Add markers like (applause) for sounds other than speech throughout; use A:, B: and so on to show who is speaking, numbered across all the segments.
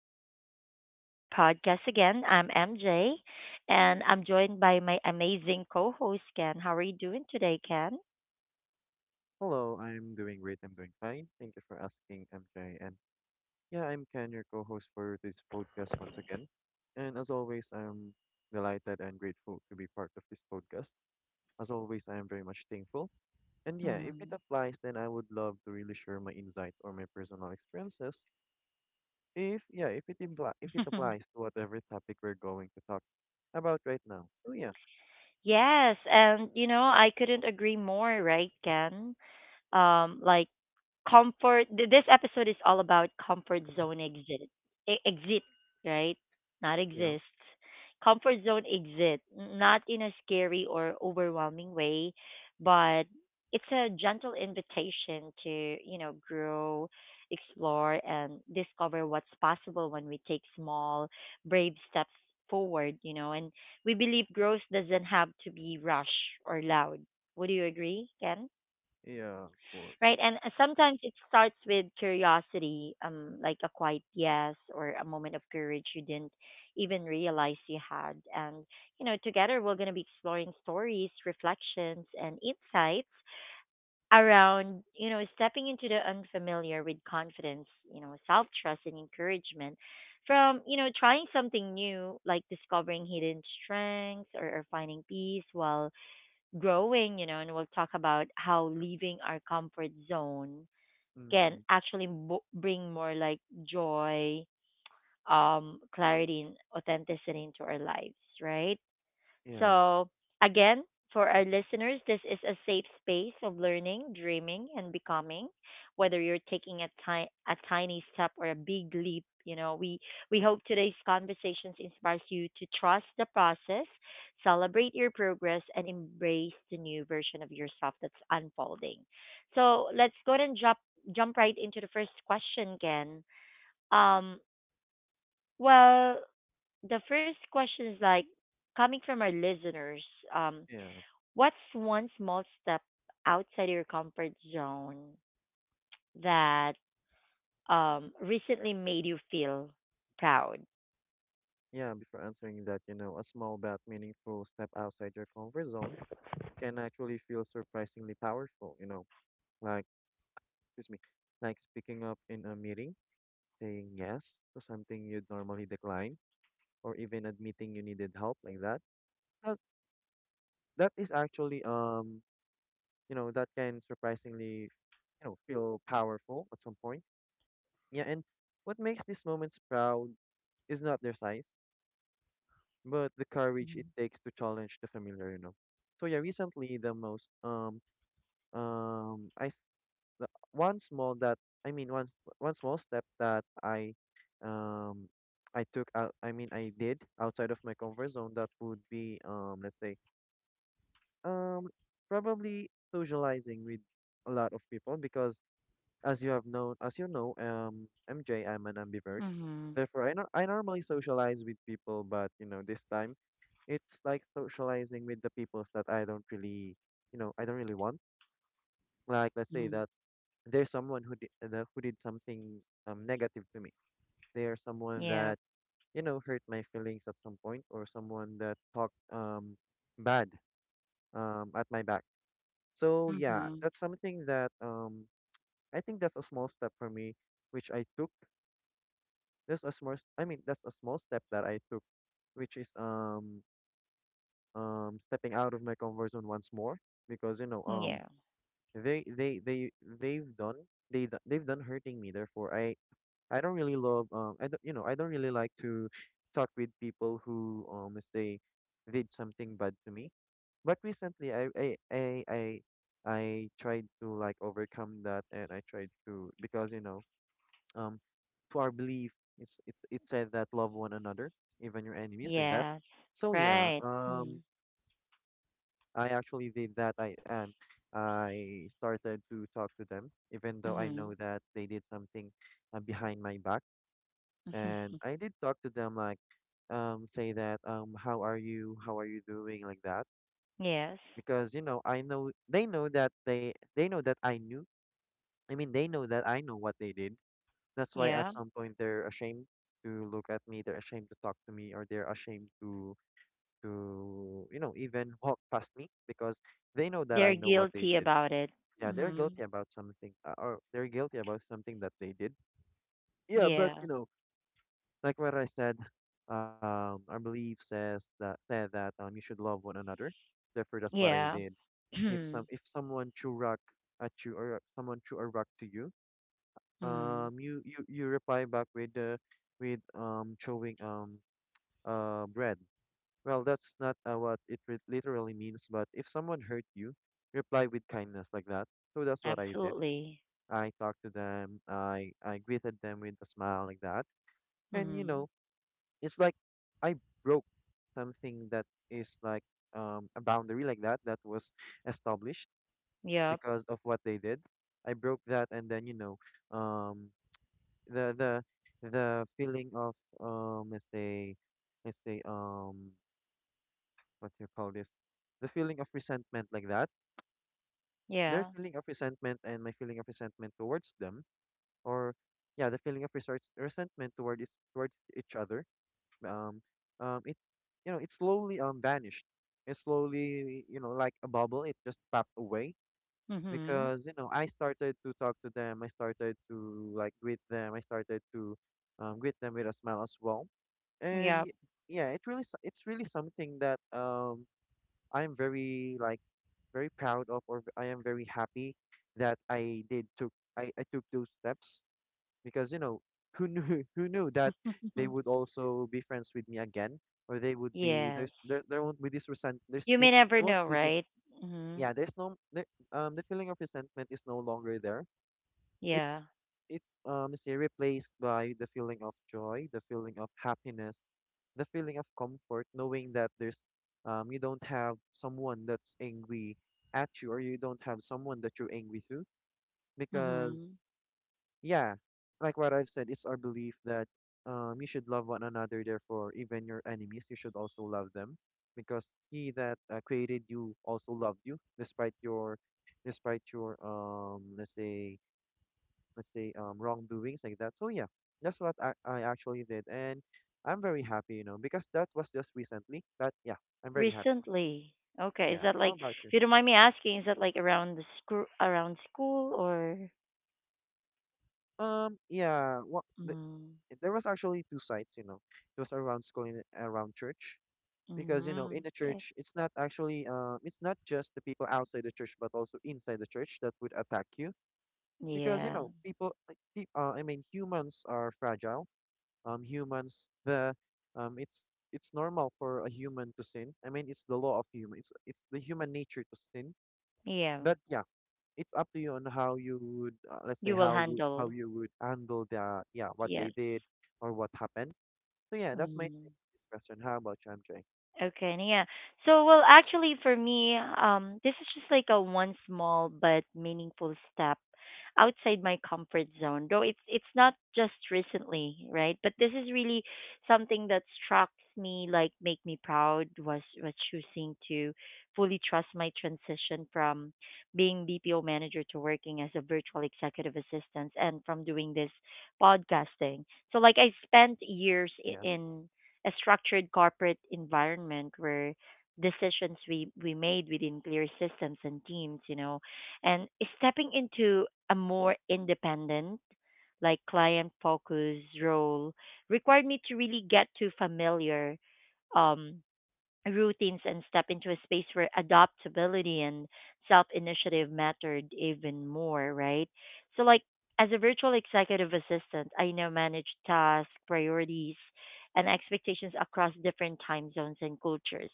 A: welcome back to our podcast again. I'm MJ, and I'm joined by my amazing co host, Ken. How are you doing today, Ken?
B: Hello, I'm doing great. I'm doing fine. Thank you for asking, MJ. And yeah, I'm Ken, your co-host for this podcast once again. And as always, I'm delighted and grateful to be part of this podcast. As always, I am very much thankful. And yeah, if it
A: Hmm.
B: applies, then I would love to really share my insights or my personal experiences. If yeah, if it impl if it applies
A: (laughs)
B: to whatever topic we're going to talk about right now. So Yeah,
A: Yes, and I couldn't agree more, right, Ken? Um, like comfort this episode is all about comfort zone exit exit, right, not
B: yeah.
A: exists, comfort zone exit, not in a scary or overwhelming way, but it's a gentle invitation to, grow, explore and discover what's possible when we take small brave steps forward, you know, and we believe growth doesn't have to be rushed or loud. Would you agree, Ken?
B: Yeah, of course.
A: Right? And sometimes it starts with curiosity, like a quiet yes or a moment of courage you didn't even realize you had. And, you know, together we're going to be exploring stories, reflections, and insights around, you know, stepping into the unfamiliar with confidence, you know, self trust and encouragement. From, you know, trying something new, like discovering hidden strengths or finding peace while growing, you know, and we'll talk about how leaving our comfort zone can
B: Mm-hmm.
A: actually mo bring more like joy, clarity, and authenticity into our lives, right?
B: Yeah,
A: So, again, for our listeners, this is a safe space of learning, dreaming, and becoming. Whether you're taking a tiny step or a big leap, you know, we hope today's conversations inspires you to trust the process, celebrate your progress, and embrace the new version of yourself that's unfolding. So let's go ahead and jump right into the first question, Ken. Um, well, the first question is like, coming from our listeners, um,
B: yeah.
A: what's one small step outside your comfort zone that recently made you feel proud?
B: Yeah, before answering that, you know, a small but meaningful step outside your comfort zone can actually feel surprisingly powerful, you know, like, excuse me, like speaking up in a meeting, saying yes to something you'd normally decline, or even admitting you needed help like that. That, that is actually, that can surprisingly, feel powerful at some point. Yeah, and what makes these moments proud is not their size, but the courage it takes to challenge the familiar. So yeah, recently um I s- the, one small that I mean one s- one small step that um I took out I mean I did outside of my comfort zone that would be let's say um probably socializing with a lot of people because as you know MJ, I'm an ambivert.
A: Mm-hmm.
B: Therefore, I, no- I normally socialize with people, but you know, this time it's like socializing with the peoples that I don't really, I don't really want. Like, let's say
A: Mm-hmm.
B: that there's someone who did something negative to me. There's someone
A: Yeah.
B: that hurt my feelings at some point, or someone that talked bad at my back. So yeah,
A: Mm-hmm.
B: that's something that I think that's a small step for me, which I took. That's a small. I mean, that's a small step that I took, which is stepping out of my comfort zone once more because
A: Yeah.
B: they they they they've done they've done hurting me therefore I don't really love I don't, I don't really like to talk with people who let's say did something bad to me but recently I tried to like overcome that and I tried to because um to our belief it said that love one another even your enemies like that.
A: Yes.
B: So yeah,
A: Right. Mm-hmm.
B: I actually did that. I am. I started to talk to them, even though I
A: Mm-hmm.
B: know that they did something behind my back. And I did talk to them, like, say that, how are you? How are you doing? Like that,
A: (laughs) Yes.
B: because you know, I know they know that they know that I knew. I mean, they know that I know what they did. That's why at
A: Yeah.
B: some point they're ashamed to look at me. They're ashamed to talk to me, or they're ashamed to even walk past me because they know that
A: They're
B: I know what they
A: guilty
B: did.
A: about it.
B: Yeah, they're
A: Mm-hmm.
B: guilty about something, or they're guilty about something that they did. Yeah, but
A: Yeah.
B: you know, like what I said, our belief says that said that you should love one another. Therefore, that's what I
A: Yeah.
B: did. If
A: (clears throat)
B: some if someone threw rock at you or someone threw a rock to you,
A: Mm-hmm.
B: you reply back with showing bread. Well, that's not what it literally means, but if someone hurt you, reply with kindness like that. So that's what I did.
A: Absolutely.
B: I talked to them. I greeted them with a smile like that. And you
A: Mm-hmm.
B: know, it's like I broke something that is like a boundary like that that was established
A: Yep.
B: because of what they did. I broke that and then um the the the feeling of um let's say let's say what do you call this? The feeling of resentment like that.
A: Yeah.
B: Their feeling of resentment and my feeling of resentment towards them or yeah the feeling of resentment towards each other um it you know it slowly vanished. It slowly, like a bubble, it just popped away
A: Mm-hmm.
B: because I started to talk to them, I started to like greet them, I started to, greet them with a smile as well. And
A: Yep.
B: yeah, it's really something that I'm very like very proud of, or I am very happy that I took those steps, because who knew (laughs) who knew that they would
A: (laughs)
B: also be friends with me again or they would be there's
A: Yes.
B: there there won't be this resent there's
A: You may
B: fe-
A: never
B: there won't
A: know,
B: be this
A: right? Hmm.
B: yeah there's no there, the feeling of resentment is no longer there. it's
A: Yeah.
B: it's say replaced by the feeling of joy, the feeling of happiness, the feeling of comfort, knowing that there's you don't have someone that's angry at you, or you don't have someone that you're angry to, because
A: Hmm.
B: yeah, like what I've said, it's our belief that, you should love one another. Therefore, even your enemies, you should also love them, because He that created you also loved you, despite despite your, let's say, wrongdoings like that. So yeah, that's what I actually did, and I'm very happy, you know, because that was just recently. But yeah, I'm very happy.
A: Recently. Okay. Is
B: Yeah.
A: that
B: How
A: like,
B: about you?
A: if you don't mind me asking, is that like around the school, around school or?
B: Yeah. What?
A: Mm.
B: There was actually two sites, you know. It was around school and around church because in
A: Mm.
B: the
A: Okay.
B: church it's not actually, it's not just the people outside the church but also inside the church that would attack you because
A: Yeah.
B: people like peop I mean humans are fragile. Humans the, um it's it's normal for a human to sin. I mean, it's the law of human, it's the human nature to sin.
A: Yeah.
B: But yeah, it's up to you on how you would, let's say,
A: You will
B: how
A: handle.
B: you would handle the yeah what they
A: Yes.
B: did or what happened. So yeah, that's my
A: Mm.
B: take on this question. How about you, MJ?
A: Okay, and yeah. So, well, actually, for me, this is just like a one small but meaningful step outside my comfort zone. Though it's not just recently, right? But this is really something that struck me, like make me proud was choosing to fully trust my transition from being BPO manager to working as a virtual executive assistant, and from doing this podcasting. So, like, I spent years
B: Yeah.
A: in a structured corporate environment where decisions we made within clear systems and teams, you know, and stepping into a more independent, like client focused role required me to really get to familiar um routines and step into a space where adaptability and self initiative mattered even more, right? So, like, as a virtual executive assistant, I now manage tasks, priorities, and expectations across different time zones and cultures.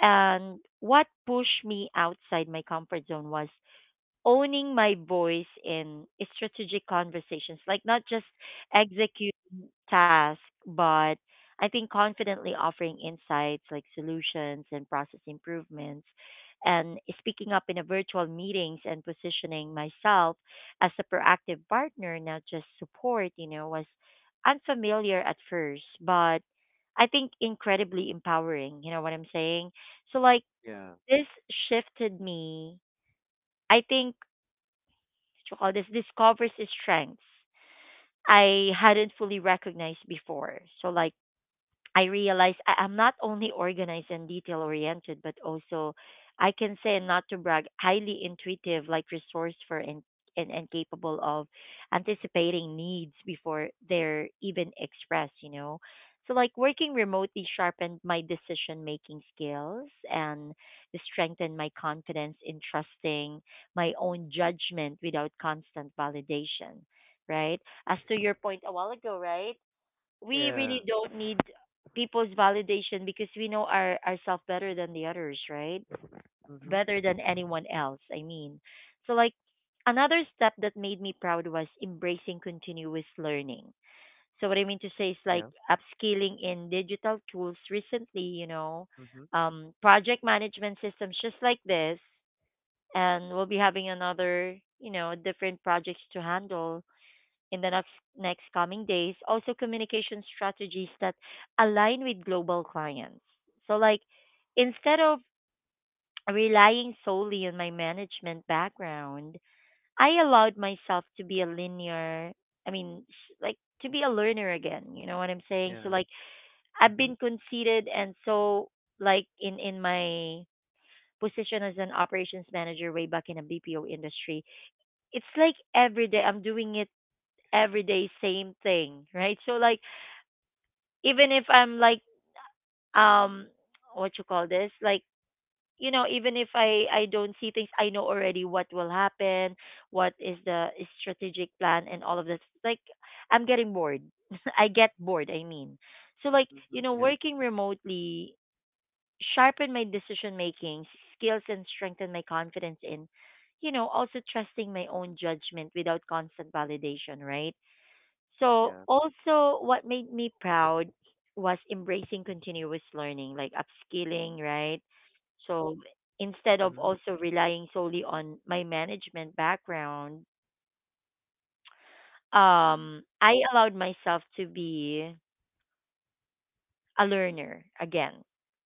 A: And what pushed me outside my comfort zone was owning my voice in strategic conversations, like not just executing task, but I think confidently offering insights like solutions and process improvements and speaking up in a virtual meetings and positioning myself as a proactive partner, not just support, you know, was unfamiliar at first, but I think incredibly empowering. You know what I'm saying? So like
B: Yeah.
A: this shifted me. I think what you call this discovers strengths I hadn't fully recognized before. So like I realize I am not only organized and detail oriented, but also I can say, and not to brag, highly intuitive, like resourceful and capable of anticipating needs before they're even expressed, you know. So, like working remotely sharpened my decision making skills and strengthened my confidence in trusting my own judgment without constant validation, right? As to your point a while ago, right? We really
B: Yeah.
A: don't need people's validation because we know our ourselves better than the others, right?
B: Mm-hmm.
A: Better than anyone else, I mean. So like another step that made me proud was embracing continuous learning. So what I mean to say
B: Yeah.
A: is like upskilling in digital tools recently, you know,
B: Mm-hmm.
A: project management systems just like this and we'll be having another, you know, different projects to handle in the next coming days, also communication strategies that align with global clients. So, like, instead of relying solely on my management background, I allowed myself to be a linear, I mean, like, to be a learner again. You know what I'm saying? So,
B: Yeah.
A: like, I've
B: Mm-hmm.
A: been conceited and so, like, in my position as an operations manager way back in a BPO industry, it's like every day I'm doing it every day same thing, right? So like even if I'm like um what you call this like you know even if I don't see things I know already what will happen, what is the strategic plan and all of this, like I'm getting bored. (laughs) I get bored, I mean. So like,
B: Mm-hmm.
A: you know,
B: Yeah.
A: working remotely sharpened my decision making skills and strengthened my confidence in, you know, also trusting my own judgment without constant validation, right? So
B: Yeah.
A: also what made me proud was embracing continuous learning, like upskilling, right? So instead of
B: Mm-hmm.
A: also relying solely on my management background, I allowed myself to be a learner again,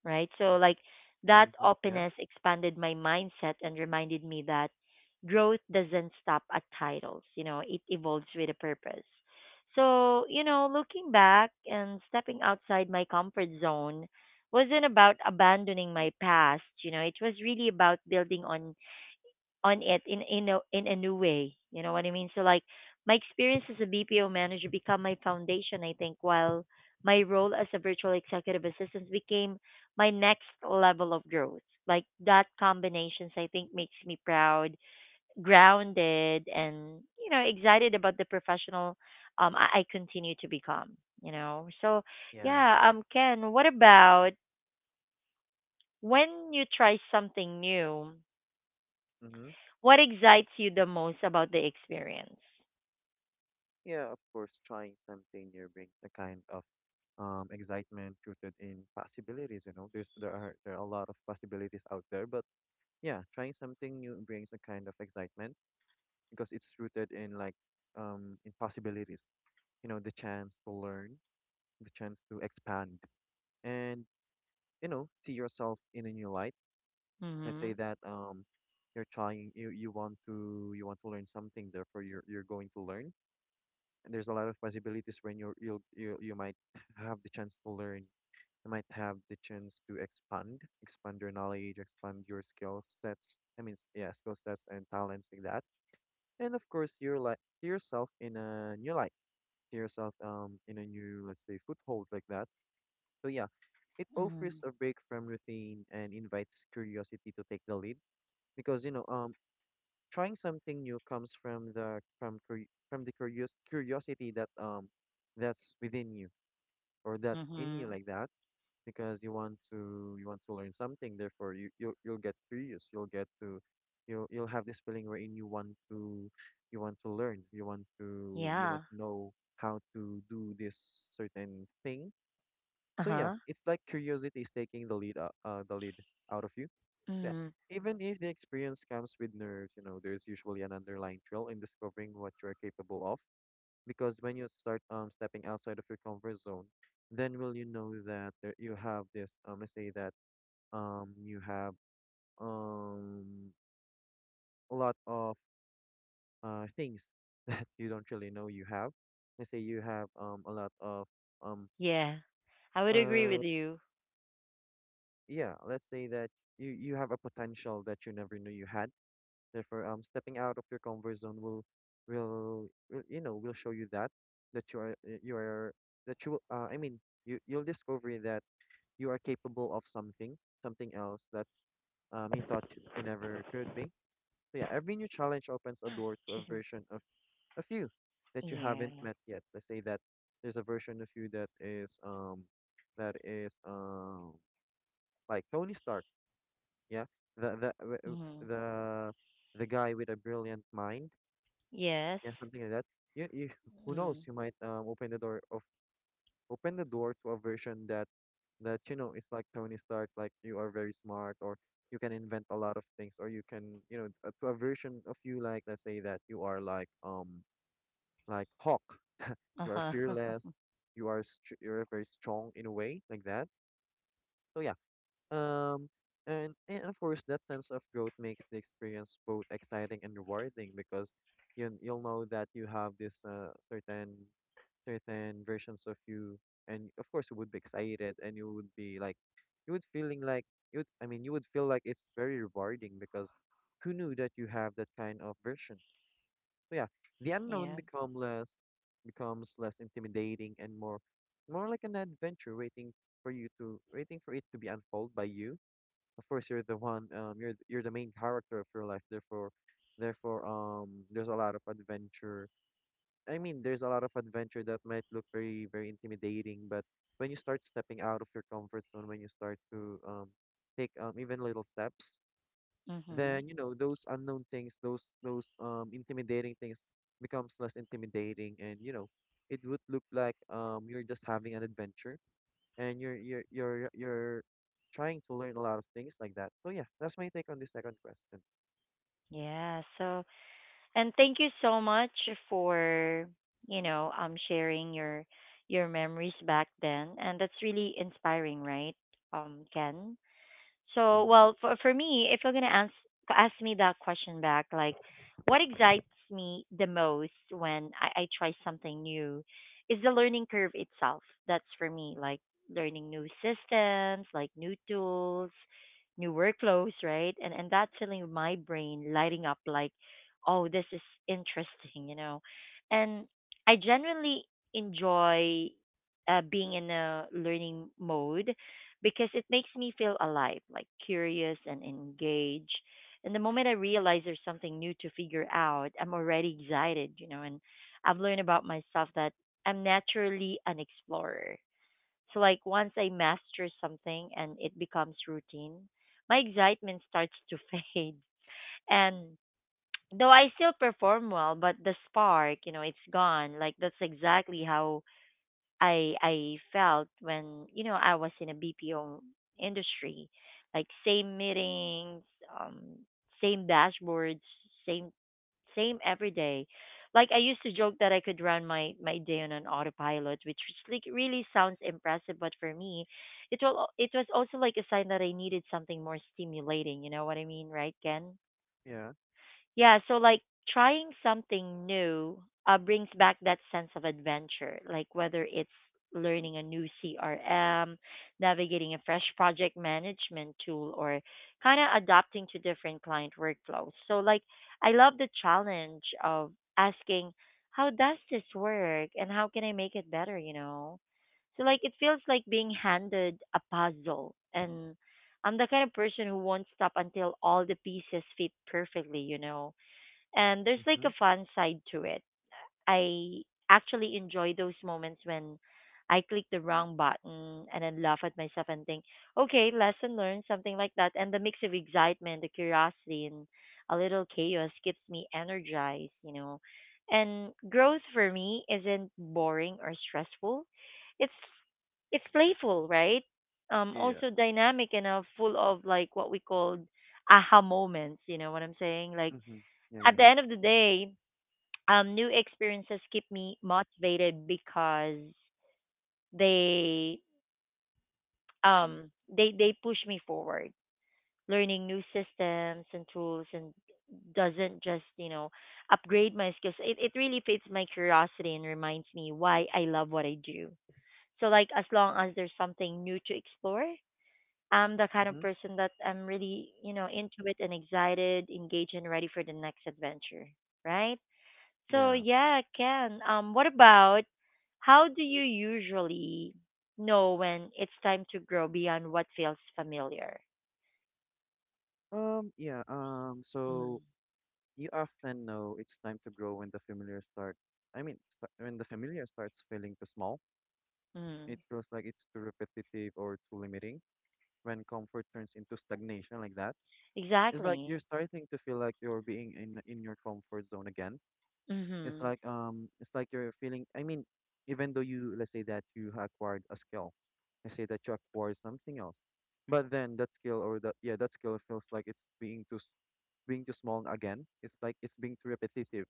A: right? So, like, that
B: Mm-hmm. Yeah.
A: openness expanded my mindset and reminded me that growth doesn't stop at titles, you know, it evolves with a purpose. So, you know, looking back and stepping outside my comfort zone wasn't about abandoning my past, you know, it was really about building on it in in a new way. You know what I mean? So like my experience as a BPO manager become my foundation, I think, while my role as a virtual executive assistant became my next level of growth. Like that combinations I think makes me proud, grounded and you know, excited about the professional I continue to become, you know. So
B: Yeah.
A: yeah, Ken, what about when you try something new?
B: Mm-hmm.
A: What excites you the most about the experience?
B: Yeah. Of course, trying something new brings a kind of excitement rooted in possibilities. You know, there are a lot of possibilities out there, but yeah, trying something new brings a kind of excitement because it's rooted in like, in possibilities. You know, the chance to learn, the chance to expand, and you know, see yourself in a new light. Let's say
A: Mhm.
B: that you want to, learn something, therefore you're going to learn. And there's a lot of possibilities when you're you'll you you might have the chance to learn. You might have the chance to expand, expand your knowledge, expand your skill sets. I mean, yeah, skill sets and talents like that. And of course, you're like see yourself in a new light, see yourself in a new, let's say, foothold like that. So yeah, it offers
A: Mhm.
B: a break from routine and invites curiosity to take the lead because trying something new comes from the curious curiosity that's within you, or that's in you
A: Mhm.
B: like that, because you want to learn something, therefore you'll get curious, you'll have this feeling wherein you want to learn, you want
A: Yeah.
B: to know how to do this certain thing. So yeah,
A: Uh-huh.
B: it's like curiosity is taking the lead, out of you. Yeah.
A: Mhm.
B: Even if the experience comes with nerves, there's usually an underlying thrill in discovering what you are capable of. Because when you start stepping outside of your comfort zone, then will you know that there, you have this, let's say that, you have um a lot of things (laughs) that you don't really know you have. Let's say you have a lot of um
A: Yeah. I would agree
B: uh
A: with you.
B: yeah, let's say that you have a potential that you never knew you had. Therefore, stepping out of your comfort zone will, will show you that you are, you are that you I mean you'll discover that you are capable of something, something else that you thought you never could be. So yeah, every new challenge opens a door to a
A: Excuse me.
B: version of you that you haven't
A: Yeah.
B: met yet. Let's say that there's a version of you that is that is like Tony Stark. Yeah, the the
A: Mhm.
B: the the guy with a brilliant mind.
A: Yes.
B: Yeah, something like that. You, you, (laughs) who knows?
A: Mhm.
B: You might open the door of open the door to a version that that it's like Tony Stark, like you are very smart, or you can invent a lot of things, or you can to a version of you like let's say that you are like like Hawk, you are
A: Uh-huh.
B: fearless,
A: (laughs)
B: you are str you are very strong in a way like that. So yeah, um. And of course, that sense of growth makes the experience both exciting and rewarding because you'll know that you have this certain certain versions of you, and of course you would be excited and you would be like you would feeling like you would, you would feel like it's very rewarding because who knew that you have that kind of version? So yeah, the unknown
A: Yeah.
B: become less becomes less intimidating and more more like an adventure waiting for you to waiting for it to be unfold by you. Of course you're the one you're the main character of your life, therefore therefore there's a lot of adventure. There's a lot of adventure that might look very, very intimidating, but when you start stepping out of your comfort zone, when you start to take even little steps,
A: Mhm.
B: then you know those unknown things, those intimidating things becomes less intimidating, and you know it would look like you're just having an adventure, and you're trying to learn a lot of things like that. So yeah, that's my take on the second question.
A: Yeah. So, and thank you so much for, you know, sharing your memories back then. And that's really inspiring, right? Ken. So,
B: Mm,
A: well, for me, if you're gonna ask ask me that question back, like, what excites me the most when I try something new, is the learning curve itself. That's for me, like learning new systems, like new tools, new workflows, right? And that feeling of my brain lighting up, like, oh, this is interesting, you know. And I generally enjoy being in a learning mode because it makes me feel alive, like curious and engaged. And the moment I realize there's something new to figure out, I'm already excited, you know, and I've learned about myself that I'm naturally an explorer. So, like, once I master something and it becomes routine, my excitement starts to (laughs) fade. And though I still perform well, but the spark, you know, it's gone. Like, that's exactly how I felt when you know I was in a BPO industry, like same meetings, um, same dashboards, same same every day. Like I used to joke that I could run my my day on an autopilot, which was like really sounds impressive, but for me, it will it was also like a sign that I needed something more stimulating. You know what I mean, right, Ken?
B: yeah.
A: Yeah, so like trying something new brings back that sense of adventure, like whether it's learning a new CRM, navigating a fresh project management tool, or kind of adapting to different client workflows. So, like, I love the challenge of asking, how does this work and how can I make it better, you know? So, like, it feels like being handed a puzzle and I'm the kind of person who won't stop until all the pieces fit perfectly, you know, and there's like
B: Mm-hmm.
A: a fun side to it. I actually enjoy those moments when I click the wrong button and then laugh at myself and think, okay, lesson learned, something like that. And the mix of excitement, the curiosity, and a little chaos keeps me energized, you know. And growth for me isn't boring or stressful. It's it's playful, right?
B: Yeah.
A: Also dynamic and full of like what we called aha moments. You know what I'm saying? Like
B: Mm-hmm. Yeah.
A: at
B: Yeah.
A: the
B: Yeah.
A: end of the day, new experiences keep me motivated because they they push me forward. Learning new systems and tools and doesn't just you know upgrade my skills. It really feeds my curiosity and reminds me why I love what I do. So like as long as there's something new to explore, I'm the kind of
B: Mm-hmm.
A: person that I'm really into it and excited, engaged, and ready for the next adventure. Right? So
B: Yeah.
A: yeah, Ken. What about how do you usually know when it's time to grow beyond what feels familiar?
B: Yeah,
A: Mm,
B: so you often know it's time to grow when the familiar start. When the familiar starts feeling too small,
A: mm,
B: it feels like it's too repetitive or too limiting. When comfort turns into stagnation like that, it's like
A: exactly.
B: you're starting to feel like you're being in your comfort zone again.
A: Mhm.
B: It's like you're feeling. Even though you let's say that acquired a skill, let's say that you acquired something else, but then that skill or that yeah that skill feels like it's being too small again. It's like it's being too repetitive.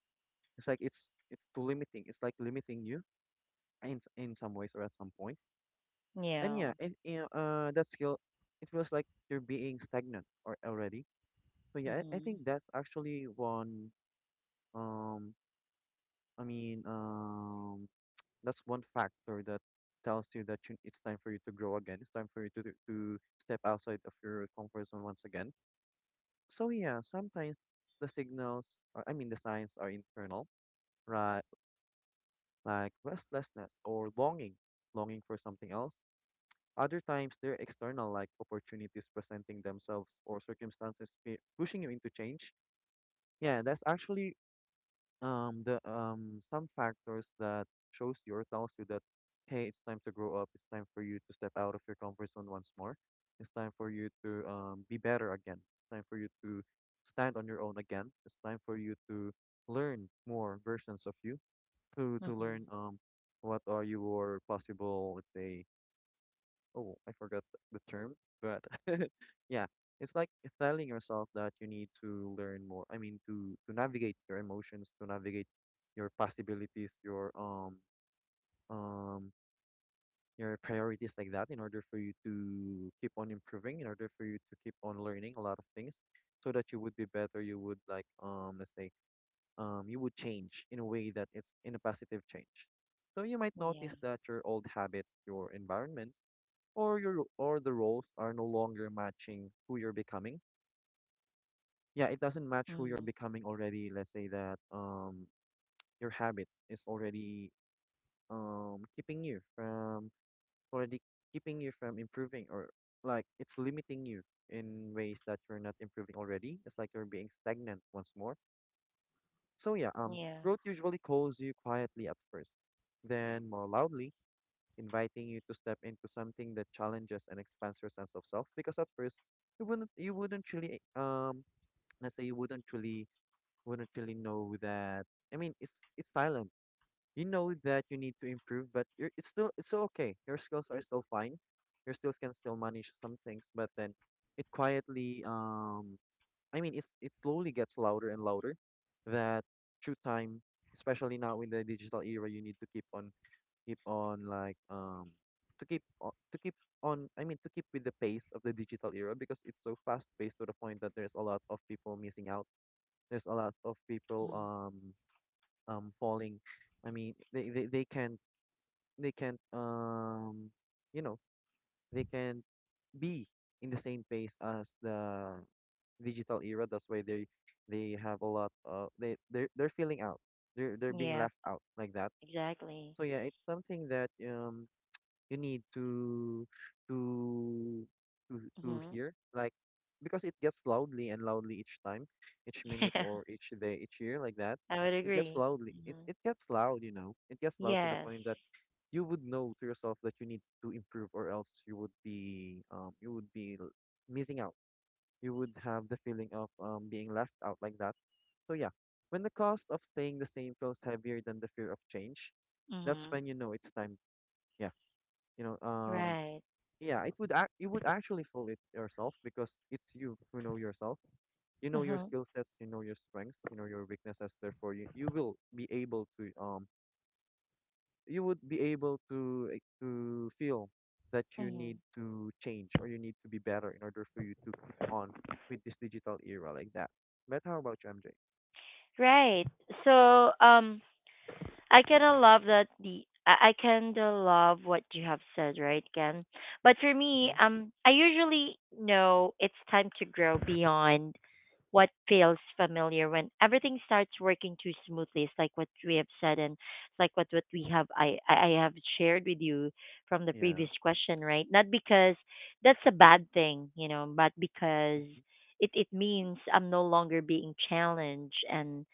B: It's like it's too limiting. It's like limiting you in some ways or at some point. And
A: Yeah.
B: yeah, it, yeah, that skill, it feels like you're being stagnant or already. So yeah, I
A: Mhm.
B: think that's actually one um I mean um that's one factor that tells you that you, it's time for you to grow again. It's time for you to to step outside of your comfort zone once again. So yeah, sometimes the signals, or, the signs, are internal, right? Like restlessness or longing, longing for something else. Other times they're external, like opportunities presenting themselves or circumstances pushing you into change. Yeah, that's actually the some factors that shows you or tells you that hey, it's time to grow up, it's time for you to step out of your comfort zone once more, it's time for you to be better again, it's time for you to stand on your own again, it's time for you to learn more versions of you, to learn
A: Mhm.
B: what are your possible, let's say. Oh, I forgot the term, but (laughs) yeah, it's like telling yourself that you need to learn more. To navigate your emotions, to navigate your possibilities, um your priorities like that, in order for you to keep on improving, in order for you to keep on learning a lot of things, so that you would be better. You would like let's say you would change in a way that it's in a positive change. So you might
A: Yeah.
B: notice that your old habits, your environments, or your or the roles are no longer matching who you're becoming. Yeah, it doesn't match who you're
A: Mhm.
B: becoming already. Let's say that your habits is already keeping you from already keeping you from improving or like it's limiting you in ways that you're not improving already. It's like you're being stagnant once more. So yeah,
A: Yeah.
B: growth usually calls you quietly at first, then more loudly, inviting you to step into something that challenges and expands your sense of self. Because at first, you wouldn't really let's say you wouldn't really know that. It's silent. You know that you need to improve, but you're it's still okay. Your skills are still fine. Your skills can still manage some things, but then it quietly it's it slowly gets louder and louder, that through time, especially now in the digital era, you need to keep on keep on like to keep on, to keep with the pace of the digital era because it's so fast paced to the point that there's a lot of people missing out. There's a lot of people
A: Mm.
B: falling. They can't they can't um you know, they can be in the same pace as the digital era. That's why they have a lot of they're feeling out. They're being
A: Yeah.
B: left out like that.
A: Exactly.
B: So yeah, it's something that you need to to to to
A: Mhm.
B: hear, like, because it gets loudly and loudly each time, each minute or
A: (laughs)
B: each day each year like that,
A: I would agree.
B: it,
A: Mhm.
B: it gets loud, you know, it gets loud to the
A: Yes.
B: point that you would know to yourself that you need to improve or else you would be you would missing out, you would have the feeling of being left out like that. So yeah, when the cost of staying the same feels heavier than the fear of change, that's
A: Mhm.
B: when you know it's time. Yeah, you know,
A: Right.
B: yeah, it would act you would actually fool it yourself because it's you who know yourself. You know your
A: Mhm.
B: skill sets, you know your strengths, you know your weaknesses. Therefore, you will be able to you would be able to to feel that you need
A: Mhm.
B: to change or you need to be better in order for you to keep on with this digital era like that. But how about you, MJ?
A: Right. So I kind of love that I kind of love what you have said, right, Ken? But for me,
B: Mm-hmm.
A: I usually know it's time to grow beyond what feels familiar when everything starts working too smoothly. It's like what we have said, and it's like what we have I have shared with you from the
B: Yeah.
A: previous question, right? Not because that's a bad thing, you know, but because
B: Mm-hmm.
A: it means I'm no longer being challenged and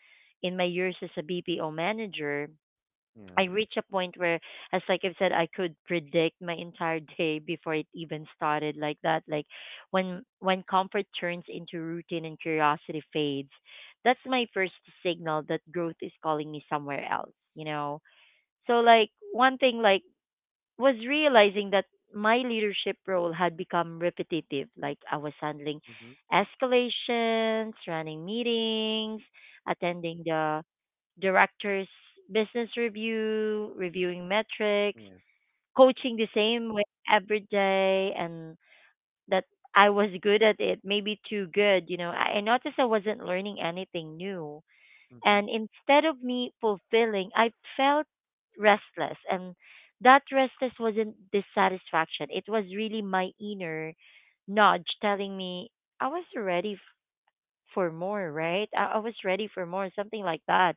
A: in my years as a BPO manager, I
B: Yeah.
A: reached a point where, as like I've said, I could predict my entire (laughs) day before it even started, like that. Like when comfort turns into routine and curiosity fades, that's my first signal that growth is calling me somewhere else. You know. So like one thing like was realizing that my leadership role had become repetitive. Like I was handling
B: Mm-hmm.
A: escalations, running meetings, attending the directors business review, reviewing metrics,
B: Yeah.
A: coaching the same way every day and that I was good at it, maybe too good, you know. I noticed I wasn't learning anything new.
B: Mm-hmm.
A: And instead of me fulfilling, I felt restless and that restless wasn't dissatisfaction. It was really my inner nudge telling me I was ready f- for more, right? I was ready for more, something like that.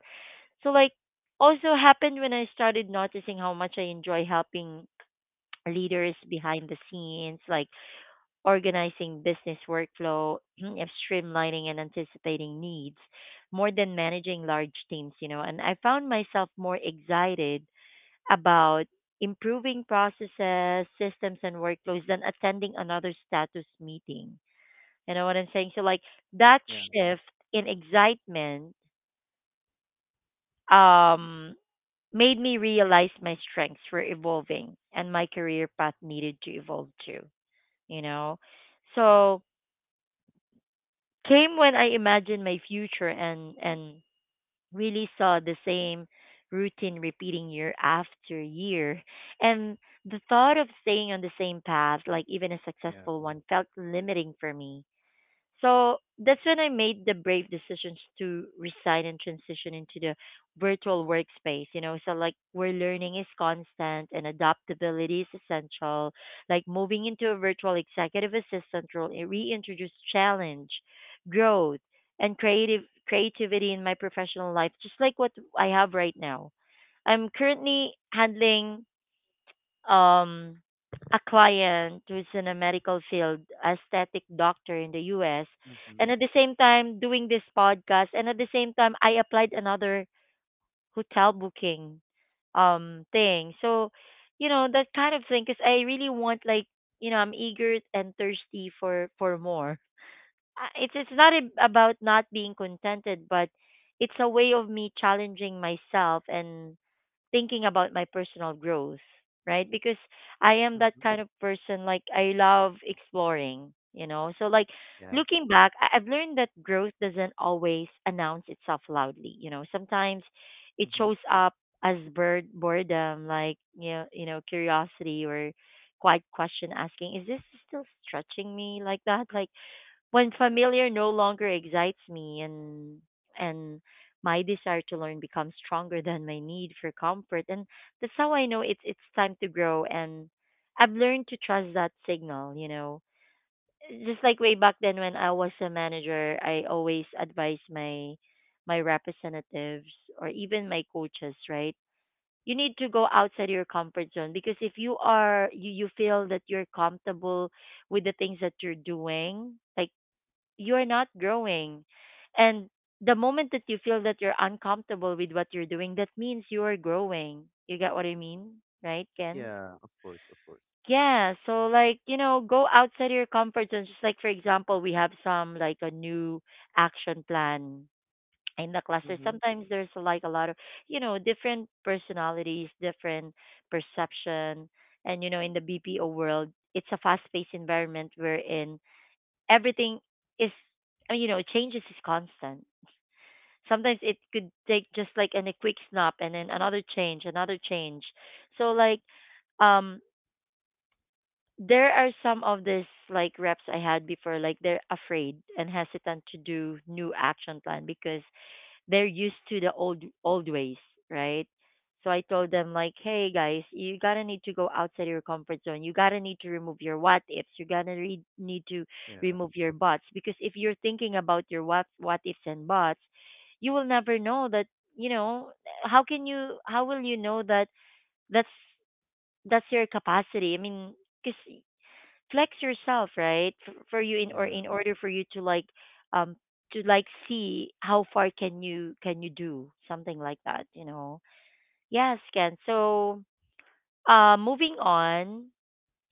A: So like also happened when I started noticing how much I enjoy helping (clears throat) leaders behind the scenes, like organizing business workflow, (clears throat) and streamlining and anticipating needs more than managing large teams, you know. And I found myself more excited about improving processes, systems and workflows than attending another status meeting. You know what I'm saying? So like that
B: Yeah.
A: shift in excitement um made me realize my strengths were evolving and my career path needed to evolve too, you know. So came when I imagined my future and really saw the same routine repeating year after year and the thought of staying on the same path like even a
B: Yeah.
A: successful one felt limiting for me, so that's when I made the brave decisions to resign and transition into the virtual workspace. You know, so like where learning is constant and adaptability is essential. Like moving into a virtual executive assistant role, it reintroduced challenge, growth, and creative creativity in my professional life, just like what I have right now. I'm currently handling um, a client who's in a medical field, aesthetic doctor in the US,
B: Mm-hmm.
A: and at the same time doing this podcast, and at the same time I applied another hotel booking thing. So, you know, that kind of thing cuz I really want like, you know, I'm eager and thirsty for more. It's it's not about not being contented, but it's a way of me challenging myself and thinking about my personal growth, right? Because I am that
B: Mm-hmm.
A: kind of person, like, I love exploring, you know? So, like,
B: Yeah.
A: looking back, I've learned that growth doesn't always announce itself loudly, you know? Sometimes it
B: Mm-hmm.
A: shows up as bird boredom, like, you know, curiosity or quiet question asking, is this still stretching me like that? Like, when familiar no longer excites me and my desire to learn becomes stronger than my need for comfort and that's how I know it's time to grow and I've learned to trust that signal, you know. Just like way back then when I was a manager, I always advise my representatives or even my coaches, right? You need to go outside your comfort zone because if you are you feel that you're comfortable with the things that you're doing, like you're not growing. And the moment that you feel that you're uncomfortable with what you're doing, that means you are growing. You get what I mean? Right, Ken?
B: Yeah. Of course. Of course.
A: Yeah, so like, you know, go outside your comfort zone. Just like for example, we have some like a new action plan in the cluster.
B: Mm-hmm.
A: Sometimes there's like a lot of, you know, different personalities, different perception. And you know, in the BPO world, it's a fast-paced environment wherein everything is you know changes is constant, sometimes it could take just like a quick snap and then another change, another change, so like um there are some of these like reps I had before like they're afraid and hesitant to do new action plan because they're used to the old ways, right? So I told them like, hey guys, you gotta need to go outside your comfort zone. You gotta need to remove your what ifs. You gotta need to
B: Yeah.
A: remove your buts because if you're thinking about your what ifs and buts, you will never know that you know how can you how will you know that that's that's your capacity. I mean, because flex yourself right for you
B: Yeah.
A: in order for you um to like see how far can you do something like that, you know. Yes, Ken. So uh, moving on,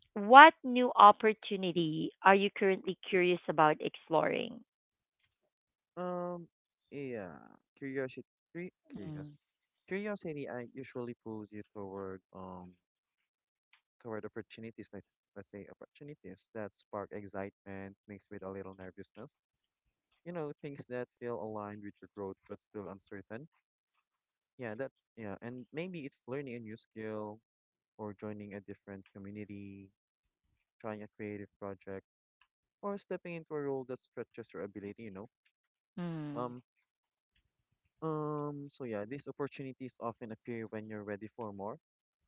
A: what new opportunity are you currently curious about exploring?
B: Um, yeah. Curiosity, curious,
A: Mm,
B: curiosity. I usually pulls you toward toward opportunities. Like let's say opportunities that spark excitement mixed with a little nervousness. You know, things that feel aligned with your growth but still uncertain. Yeah, that's yeah. And maybe it's learning a new skill or joining a different community, trying a creative project, or stepping into a role that stretches your ability. You know.
A: mm,
B: Um, so yeah, these opportunities often appear when you're ready for more,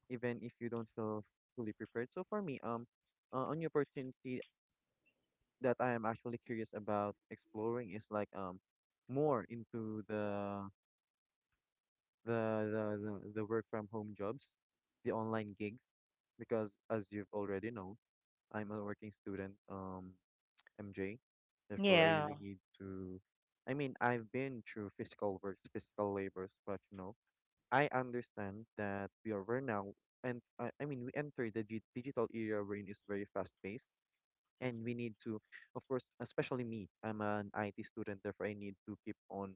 B: even if you don't feel fully prepared. So for me, a opportunity that I am actually curious about exploring is like more into the the the work from home jobs, the online gigs, because as you've already know, I'm a working student, MJ. Therefore, I
A: yeah,
B: really need to. I mean, I've been through physical works, physical labors, but you know. I understand that we now, and I mean we enter the digital era wherein is very fast paced, and we need to, of course, especially me, I'm an IT student, therefore I need to keep on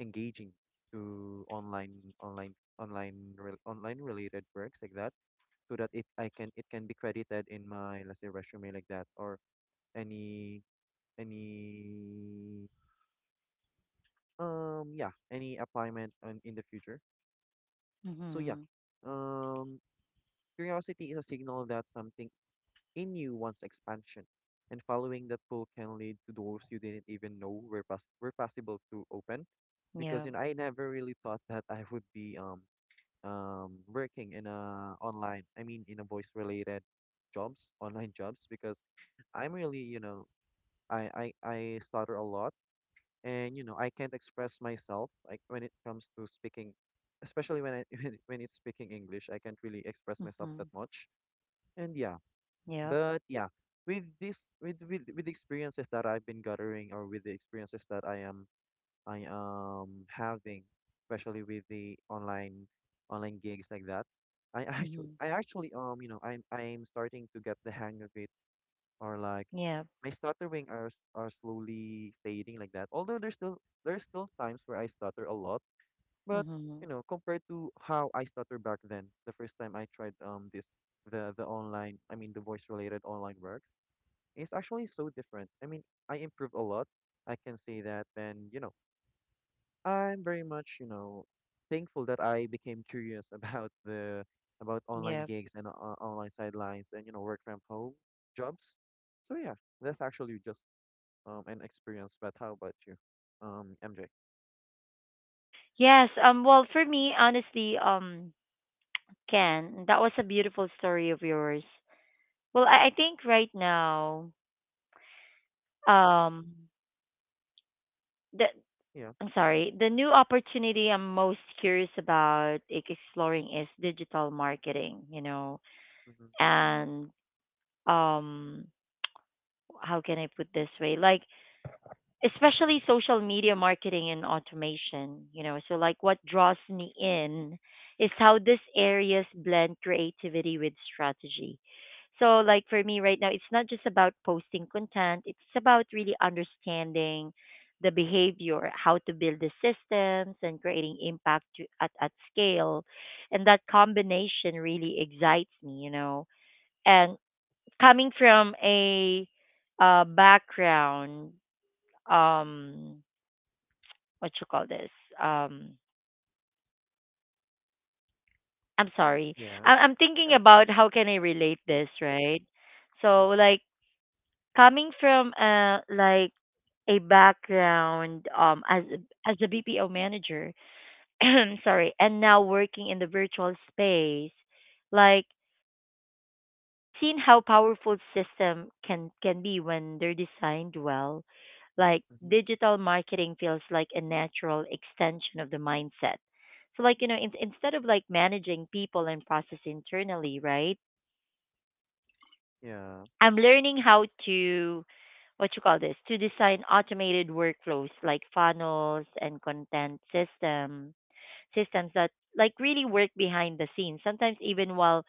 B: engaging to online related works like that, so that it I can, it can be credited in my let's say resume like that, or any any yeah, any appointment on, in the future. So yeah,
A: mm-hmm,
B: um curiosity is a signal that something in you wants expansion, and following that pull can lead to doors you didn't even know were, were possible to open. Because
A: yeah,
B: you know, I never really thought that I would be working in a online, in a voice related jobs, online jobs, because I'm really, you know, I stutter a lot, and you know, I can't express myself like when it comes to speaking, especially when I (laughs) when it's speaking English, I can't really express myself that
A: mm-hmm,
B: much. And yeah,
A: yep,
B: but with this with the experiences that I've been gathering, or with the experiences that I am having, especially with the online gigs like that,
A: mm-hmm,
B: I actually you know I'm starting to get the hang of it, or like
A: yep,
B: my stuttering are are slowly fading like that. Although there's still times where I stutter a lot, but
A: mm-hmm,
B: you know, compared to how I stutter back then, the first time I tried this, the online, I mean the voice related online works. It's actually so different. I mean, I improved a lot, I can say that. And, you know, I'm very much, you know, thankful that I became curious (laughs) about the, about online
A: yep,
B: gigs and online sidelines and, you know, work from home jobs. So yeah, that's actually just an experience. But how about you, MJ?
A: yes. Well, for me honestly, Ken, that was a beautiful story of yours. Well, I think right now, um, the
B: Yeah.
A: I'm sorry, the new opportunity I'm most curious about like, exploring is digital marketing. You know,
B: Mm-hmm.
A: and um, how can I put this way? Like especially social media marketing and automation, you know, so like what draws me in is how these areas blend creativity with strategy. So like for me right now it's not just about posting content, it's about really understanding the behavior, how to build the systems and creating impact to, at scale, and that combination really excites me, you know. And coming from a background um what you call this? Um, I'm sorry.
B: Yeah.
A: I'm thinking
B: Yeah.
A: about how can I relate this, right? So like coming from like a background as as a BPO manager, (clears throat) sorry, and now working in the virtual space, like I've seen how powerful system can be when they're designed well. Like
B: Mm-hmm.
A: digital marketing feels like a natural extension of the mindset. So like you know, instead of like managing people and process internally, right?
B: Yeah.
A: I'm learning how to what you call this to design automated workflows like funnels and content system systems that like really work behind the scenes sometimes even while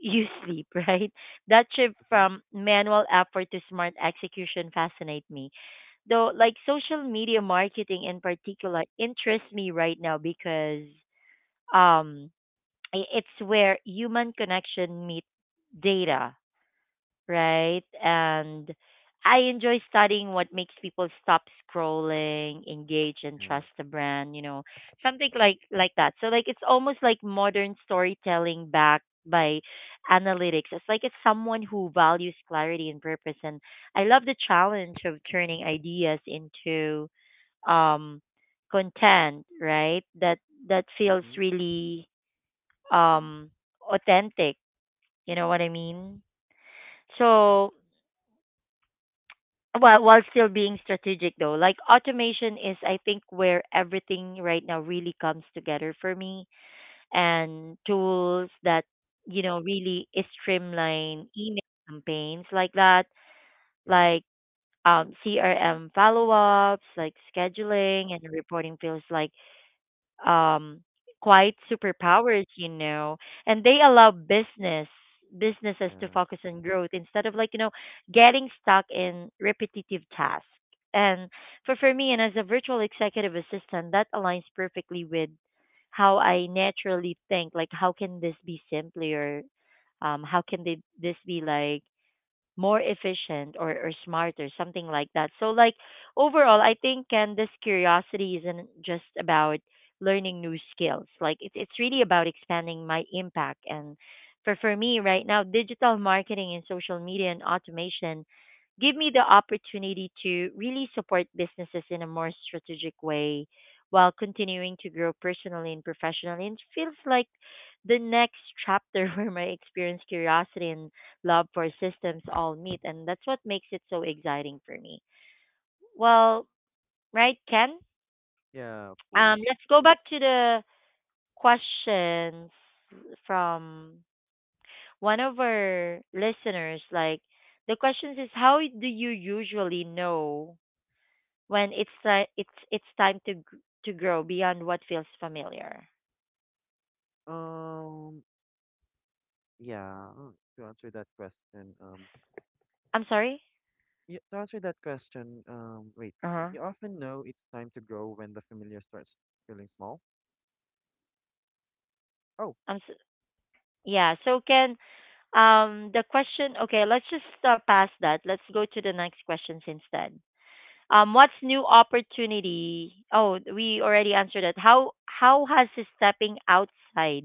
A: you sleep, (laughs) right? That shift
B: Mm-hmm.
A: from manual effort to smart execution fascinate me. Though, like social media marketing in particular interests me right now because um, it's where human connection meets data, right? And I enjoy studying what makes people stop scrolling, engage, and
B: Yeah.
A: trust the brand. You know, something like that. So like it's almost like modern storytelling backed by analytics. It's like it's someone who values clarity and purpose, and I love the challenge of turning ideas into um content, right? That that feels
B: Mm-hmm.
A: really um authentic. You know what I mean? So while still being strategic, though, like automation is I think where everything right now really comes together for me, and tools that you know really streamline email campaigns like that,
B: Yeah.
A: like CRM follow-ups like scheduling and reporting feels like um quite superpowers, you know, and they allow businesses to
B: Yeah.
A: focus on growth instead of like you know getting stuck in repetitive tasks, and for me and as a virtual executive assistant that aligns perfectly with how I naturally think, like how can this be simpler, how can this be like more efficient, or smarter, something like that. So, like, overall, I think, Ken, this curiosity isn't just about learning new skills. Like, it's really about expanding my impact. And for me right now, digital marketing and social media and automation give me the opportunity to really support businesses in a more strategic way while continuing to grow personally and professionally. And it feels like the next chapter (laughs) where my experience, curiosity, and love for systems all meet, and that's what makes it so exciting for me. Well, right, Ken?
B: Yeah. Of course.
A: Let's go back to the questions from one of our listeners. Like the questions is how do you usually know when it's ti it's time to to grow beyond what feels familiar?
B: Um. Yeah. To answer that question,
A: I'm sorry.
B: Yeah, to answer that question, wait,
A: Uh huh.
B: you often know it's time to grow when the familiar starts feeling small. Oh,
A: I'm s Yeah. So Ken, the question. Okay, let's just pass that. Let's go to the next questions instead. What's new opportunity? Oh, we already answered that. How has stepping outside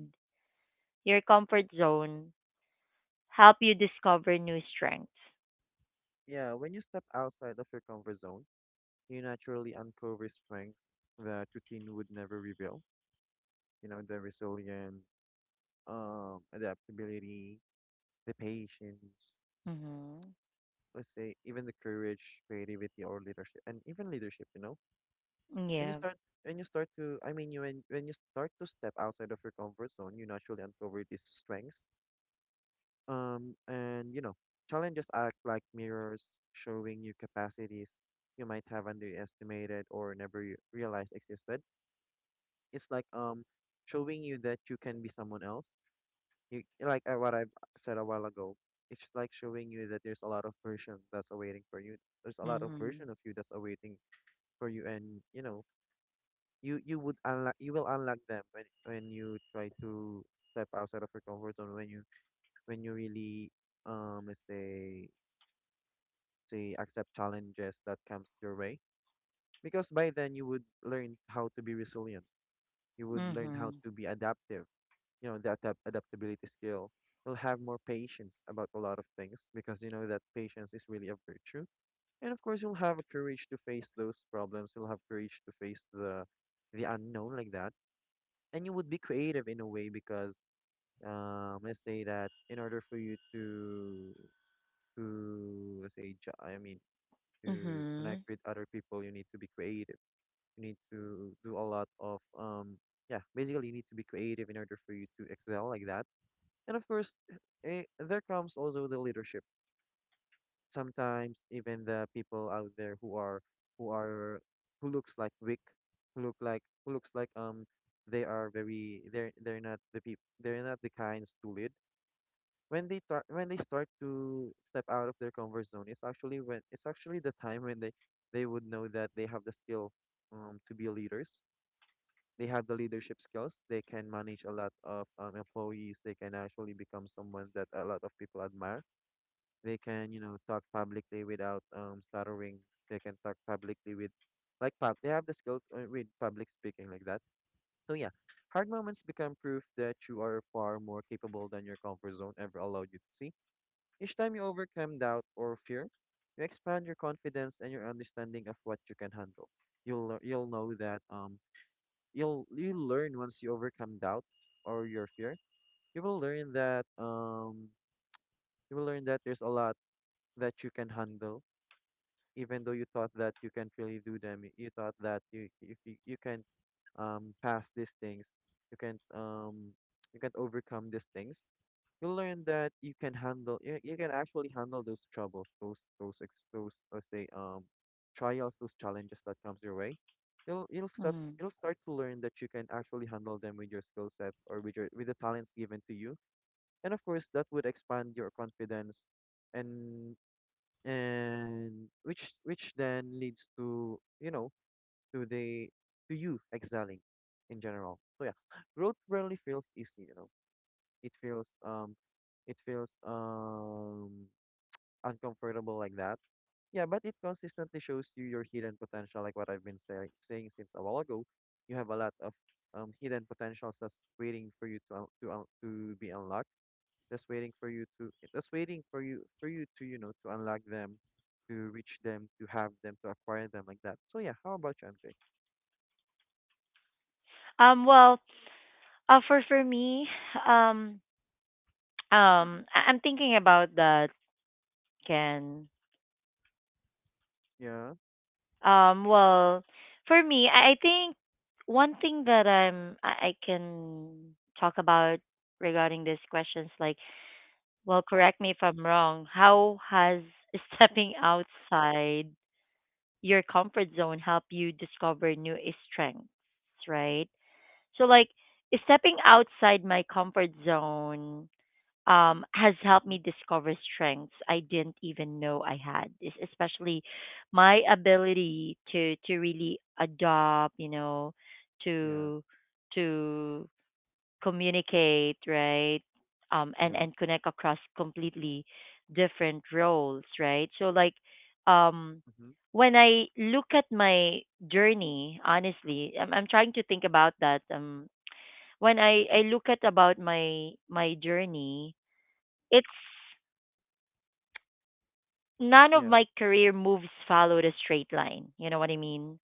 A: your comfort zone help you discover new strengths?
B: yeah, when you step outside of your comfort zone, you naturally uncover strengths that routine would never reveal. You know, the resilience, adaptability, the patience,
A: Mm-hmm.
B: let's say even the courage, creativity, or leadership, and even leadership. You know, when you
A: Yeah.
B: start, when you start to, I mean, you when you start to step outside of your comfort zone, you naturally uncover these strengths. And you know, challenges act like mirrors, showing you capacities you might have underestimated or never realized existed. It's like showing you that you can be someone else. You like, what I said a while ago. It's like showing you that there's a lot of version that's awaiting for you. There's a lot of
A: Mm-hmm.
B: version of you that's awaiting for you, and you know, you would unlock you will unlock them when you try to step outside of your comfort zone, when you, when you really, let's say, accept challenges that comes your way, because by then you would learn how to be resilient, you would learn how
A: Mm-hmm.
B: to be adaptive, you know, the adaptability skill. You'll have more patience about a lot of things, because you know that patience is really a virtue. And of course, you'll have courage to face those problems, you'll have courage to face the unknown, like that. And you would be creative in a way, because let's say that in order for you to let's say, I mean, to connect
A: Mm-hmm.
B: with other people, you need to be creative. You need to do a lot of yeah, basically you need to be creative in order for you to excel like that. And of course, there comes also the leadership. Sometimes even the people out there who are, who are, who looks like weak, who look like, who looks like they are very, they're not the people, they're not the kinds to lead, when they when they start to step out of their comfort zone, it's actually when, it's actually the time when they would know that they have the skill, to be leaders. They have the leadership skills, they can manage a lot of employees, they can actually become someone that a lot of people admire. They can, you know, talk publicly without stuttering, they can talk publicly with, like pub they have the skill with public speaking like that. So yeah, hard moments become proof that you are far more capable than your comfort zone ever allowed you to see. Each time you overcome doubt or fear, you expand your confidence and your understanding of what you can handle. You'll you'll know that you'll, you learn once you overcome doubt or your fear. You will learn that you will learn that there's a lot that you can handle, even though you thought that you can't really do them. You thought that you, if you, you can pass these things, you can't um you can't overcome these things. You learn that you can actually handle those troubles, those, let's say, trials, those challenges that comes your way. You'll start,
A: Mm-hmm.
B: you'll start to learn that you can actually handle them with your skill sets, or with your, with the talents given to you. And of course, that would expand your confidence, and and which then leads to, you know, to the, to you excelling in general. So yeah, growth rarely feels easy, you know, it feels um it feels uncomfortable like that. Yeah, but it consistently shows you your hidden potential, like what I've been saying since a while ago. You have a lot of hidden potentials that's waiting for you to to be unlocked. That's waiting for you to, that's waiting for you, for you to, you know, to unlock them, to reach them, to have them, to acquire them like that. So yeah, how about you, MJ?
A: Well, for me, um, I'm thinking about that, Ken.
B: Yeah.
A: Well, for me, I think one thing that I can talk about regarding this question is like, well, correct me if I'm wrong. How has (laughs) stepping outside your comfort zone help you discover new strengths, right? So, like, stepping outside my comfort zone has helped me
B: Mhm.
A: discover strengths I didn't even know I had. Especially my ability to really adopt, you know,
B: Yeah.
A: to to communicate, right,
B: Yeah.
A: and connect across completely different roles, right. So like, um,
B: Mhm.
A: when I look at my journey, honestly, I'm trying to think about that. When I look at about my journey it's none of
B: Yeah.
A: my career moves followed a straight line. You know what I mean?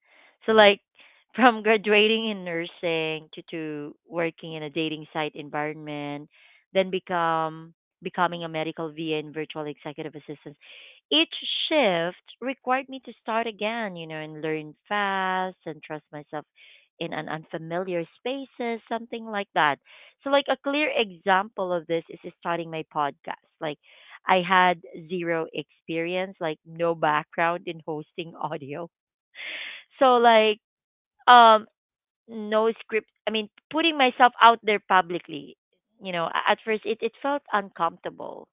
A: So
B: Mhm.
A: like (laughs) from graduating in nursing to working in a dating site environment, then become becoming a medical VA and virtual executive assistant. Each shift required me to start again, you know, and learn fast and trust myself in an unfamiliar spaces, something like that. So like a clear example of this is starting my podcast. Like I had zero experience, like no background in hosting (laughs) audio. So like um no script I mean putting myself out there publicly, you know, at first it felt uncomfortable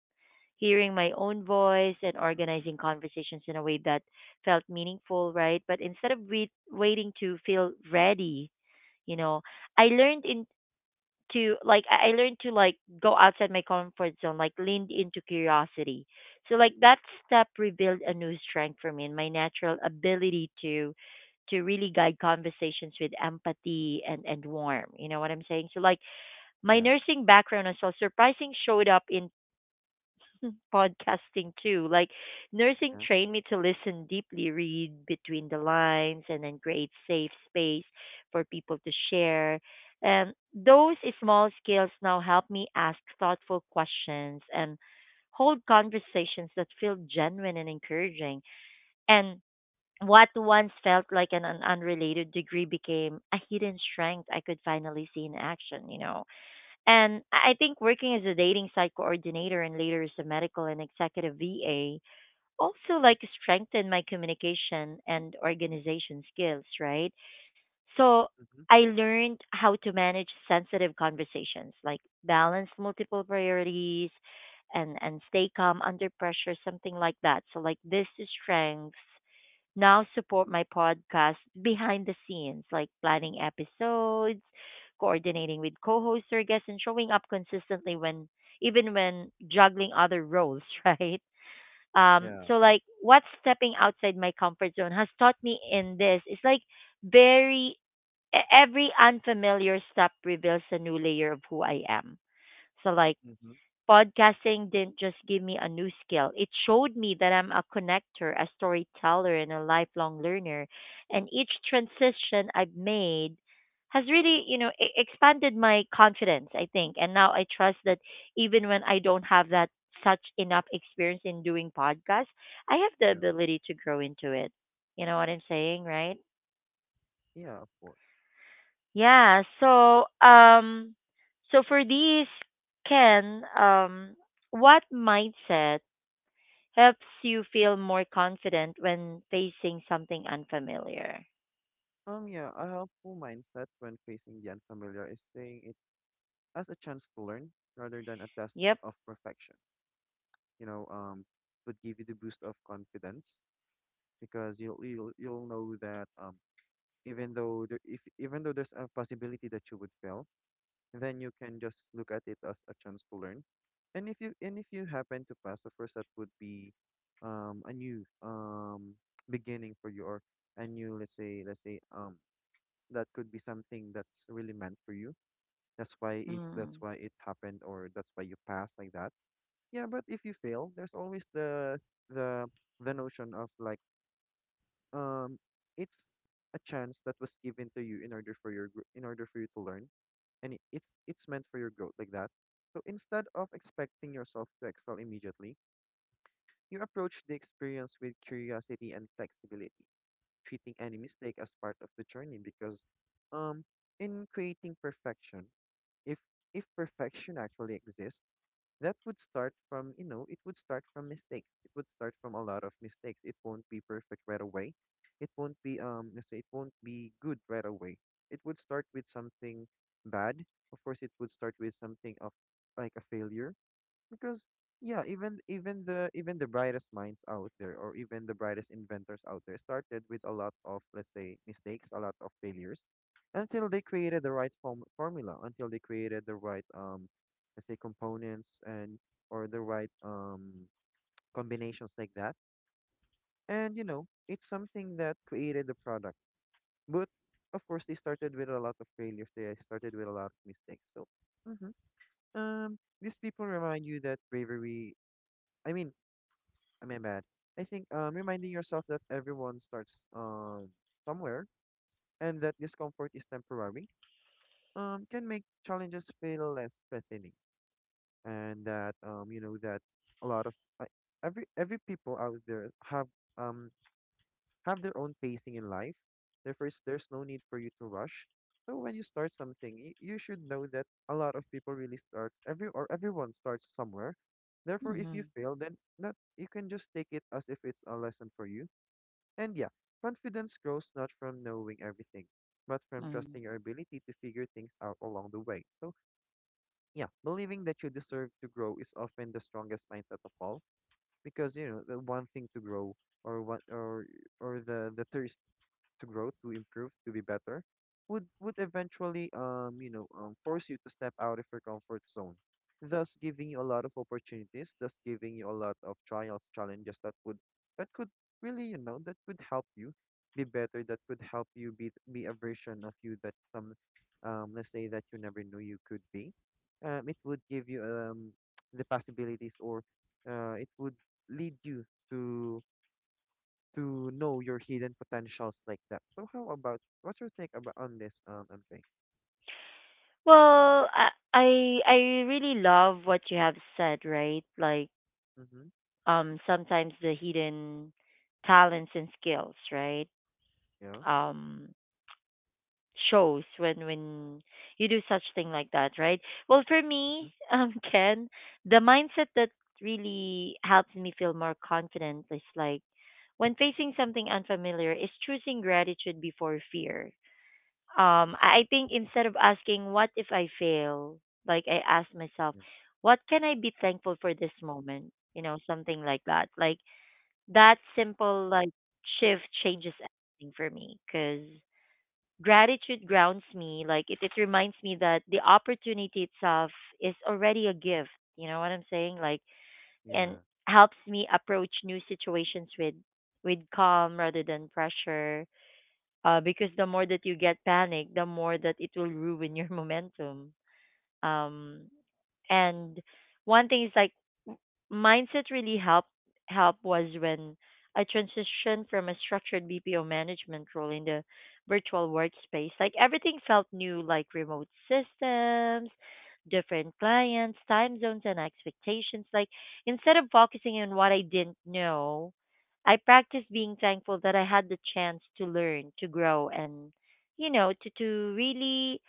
A: hearing my own voice and organizing conversations in a way that felt meaningful, right? But instead of waiting to feel ready, you know, I learned I learned to like go outside my comfort zone, like leaned into curiosity. So like that step revealed a new strength for me and my natural ability to really guide conversations with empathy and warmth. You know what I'm saying? So like my
B: Yeah.
A: nursing background as well surprising showed up in (laughs) podcasting too. Like nursing
B: Yeah.
A: trained me to listen deeply, read between the lines, and then create safe space for people to share. And those small skills now help me ask thoughtful questions and hold conversations that feel genuine and encouraging. And what once felt like an unrelated degree became a hidden strength I could finally see in action, you know. And I think working as a dating site coordinator and later as a medical and executive VA also like strengthened my communication and organization skills, right? So
B: Mhm.
A: I learned how to manage sensitive conversations, like balance multiple priorities and stay calm under pressure, something like that. So like this is strengths now support my podcast behind the scenes, like planning episodes, coordinating with co-hosts or guests, and showing up consistently when even when juggling other roles, (laughs) right?
B: Yeah.
A: So like what stepping outside my comfort zone has taught me in this is like very every unfamiliar step reveals a new layer of who I am. So like
B: Mhm.
A: podcasting didn't just give me a new skill, it showed me that I'm a connector, a storyteller, and a lifelong learner. And each transition I've made has really, you know, expanded my confidence, I think. And now I trust that even when I don't have that such enough experience in doing podcasts, I have the
B: Yeah,
A: ability to grow into it. You know what I'm saying, right?
B: yeah, of course.
A: Yeah, so For these Ken, what mindset helps you feel more confident when facing something unfamiliar?
B: Yeah, a helpful mindset when facing the unfamiliar is seeing it as a chance to learn rather than a test
A: Yep.
B: of perfection. You know, would give you the boost of confidence, because you'll know that even though if even though there's a possibility that you would fail, then you can just look at it as a chance to learn. And if you, and if you happen to pass, of course, that would be a new beginning for you, or a new, let's say, let's say that could be something that's really meant for you. That's why it, that's
A: Mm.
B: why it happened, or that's why you passed like that. Yeah, but if you fail, there's always the the notion of like um it's a chance that was given to you in order for your in order for you to learn, and it, it's meant for your growth like that. So instead of expecting yourself to excel immediately, you approach the experience with curiosity and flexibility, treating any mistake as part of the journey, because um in creating perfection, if if perfection actually exists, that would start from, you know, it would start from mistakes, it would start from a lot of mistakes. It won't be perfect right away, it won't be let's say, it won't be good right away. It would start with something bad, of course, it would start with something of like a failure, because yeah, even, even the, even the brightest minds out there, or even the brightest inventors out there, started with a lot of, let's say, mistakes, a lot of failures, until they created the right formula, until they created the right let's say components, and, or the right (tsk) combinations like that. And you know, it's something that created the product, but of course they started with a lot of failures, they started with a lot of mistakes. So mhm, these people remind you that bravery, I mean, am I mean, bad? I think reminding yourself that everyone starts somewhere, and that discomfort is temporary, can make challenges feel less threatening. And that you know, that a lot of uh, every people out there um, have their own pacing in life. Therefore, there's no need for you to rush. So when you start something, you should know that a lot of people really start every or everyone starts somewhere. Therefore, if
A: Mm-hmm.
B: you fail, then not you can just take it as if it's a lesson for you. And yeah, confidence grows not from knowing everything, but from
A: Mm.
B: trusting your ability to figure things out along the way. So yeah, believing that you deserve to grow is often the strongest mindset of all, because you know, the one thing to grow, or what, or the thirst to grow, to improve, to be better, would eventually, you know, force you to step out of your comfort zone, thus giving you a lot of opportunities, thus giving you a lot of trials, challenges that would, that could really, you know, that could help you be better, that could help you be a version of you that some let's say that you never knew you could be. It would give you (tsk) the possibilities, or it would lead you to to know your hidden potentials like that. So how about, what's your take about on this, MJ?
A: Well, I really love what you have said, right? Like
B: Mm-hmm.
A: sometimes the hidden talents and skills, right?
B: Yeah.
A: Um shows when you do such thing like that, right? Well, for
B: Mm-hmm.
A: me, (laughs) Ken, the mindset that really helps me feel more confident is like when facing something unfamiliar is choosing gratitude before fear. I think instead of asking what if I fail, like I ask myself,
B: Yeah.
A: what can I be thankful for this moment? You know, something like that. Like that simple shift changes everything for me because gratitude grounds me. Like it reminds me that the opportunity itself is already a gift. You know what I'm saying? Like and
B: Yeah.
A: helps me approach new situations with calm rather than pressure. Because the more that you get panic, the more that it will ruin your (laughs) momentum. Um, and one thing is like mindset really help was when I transitioned from a structured BPO management role in the virtual workspace. Like everything felt new, like remote systems, different clients, time zones and expectations. Like instead of focusing on what I didn't know, I practiced being thankful that I had the chance to learn, to grow and you know, to really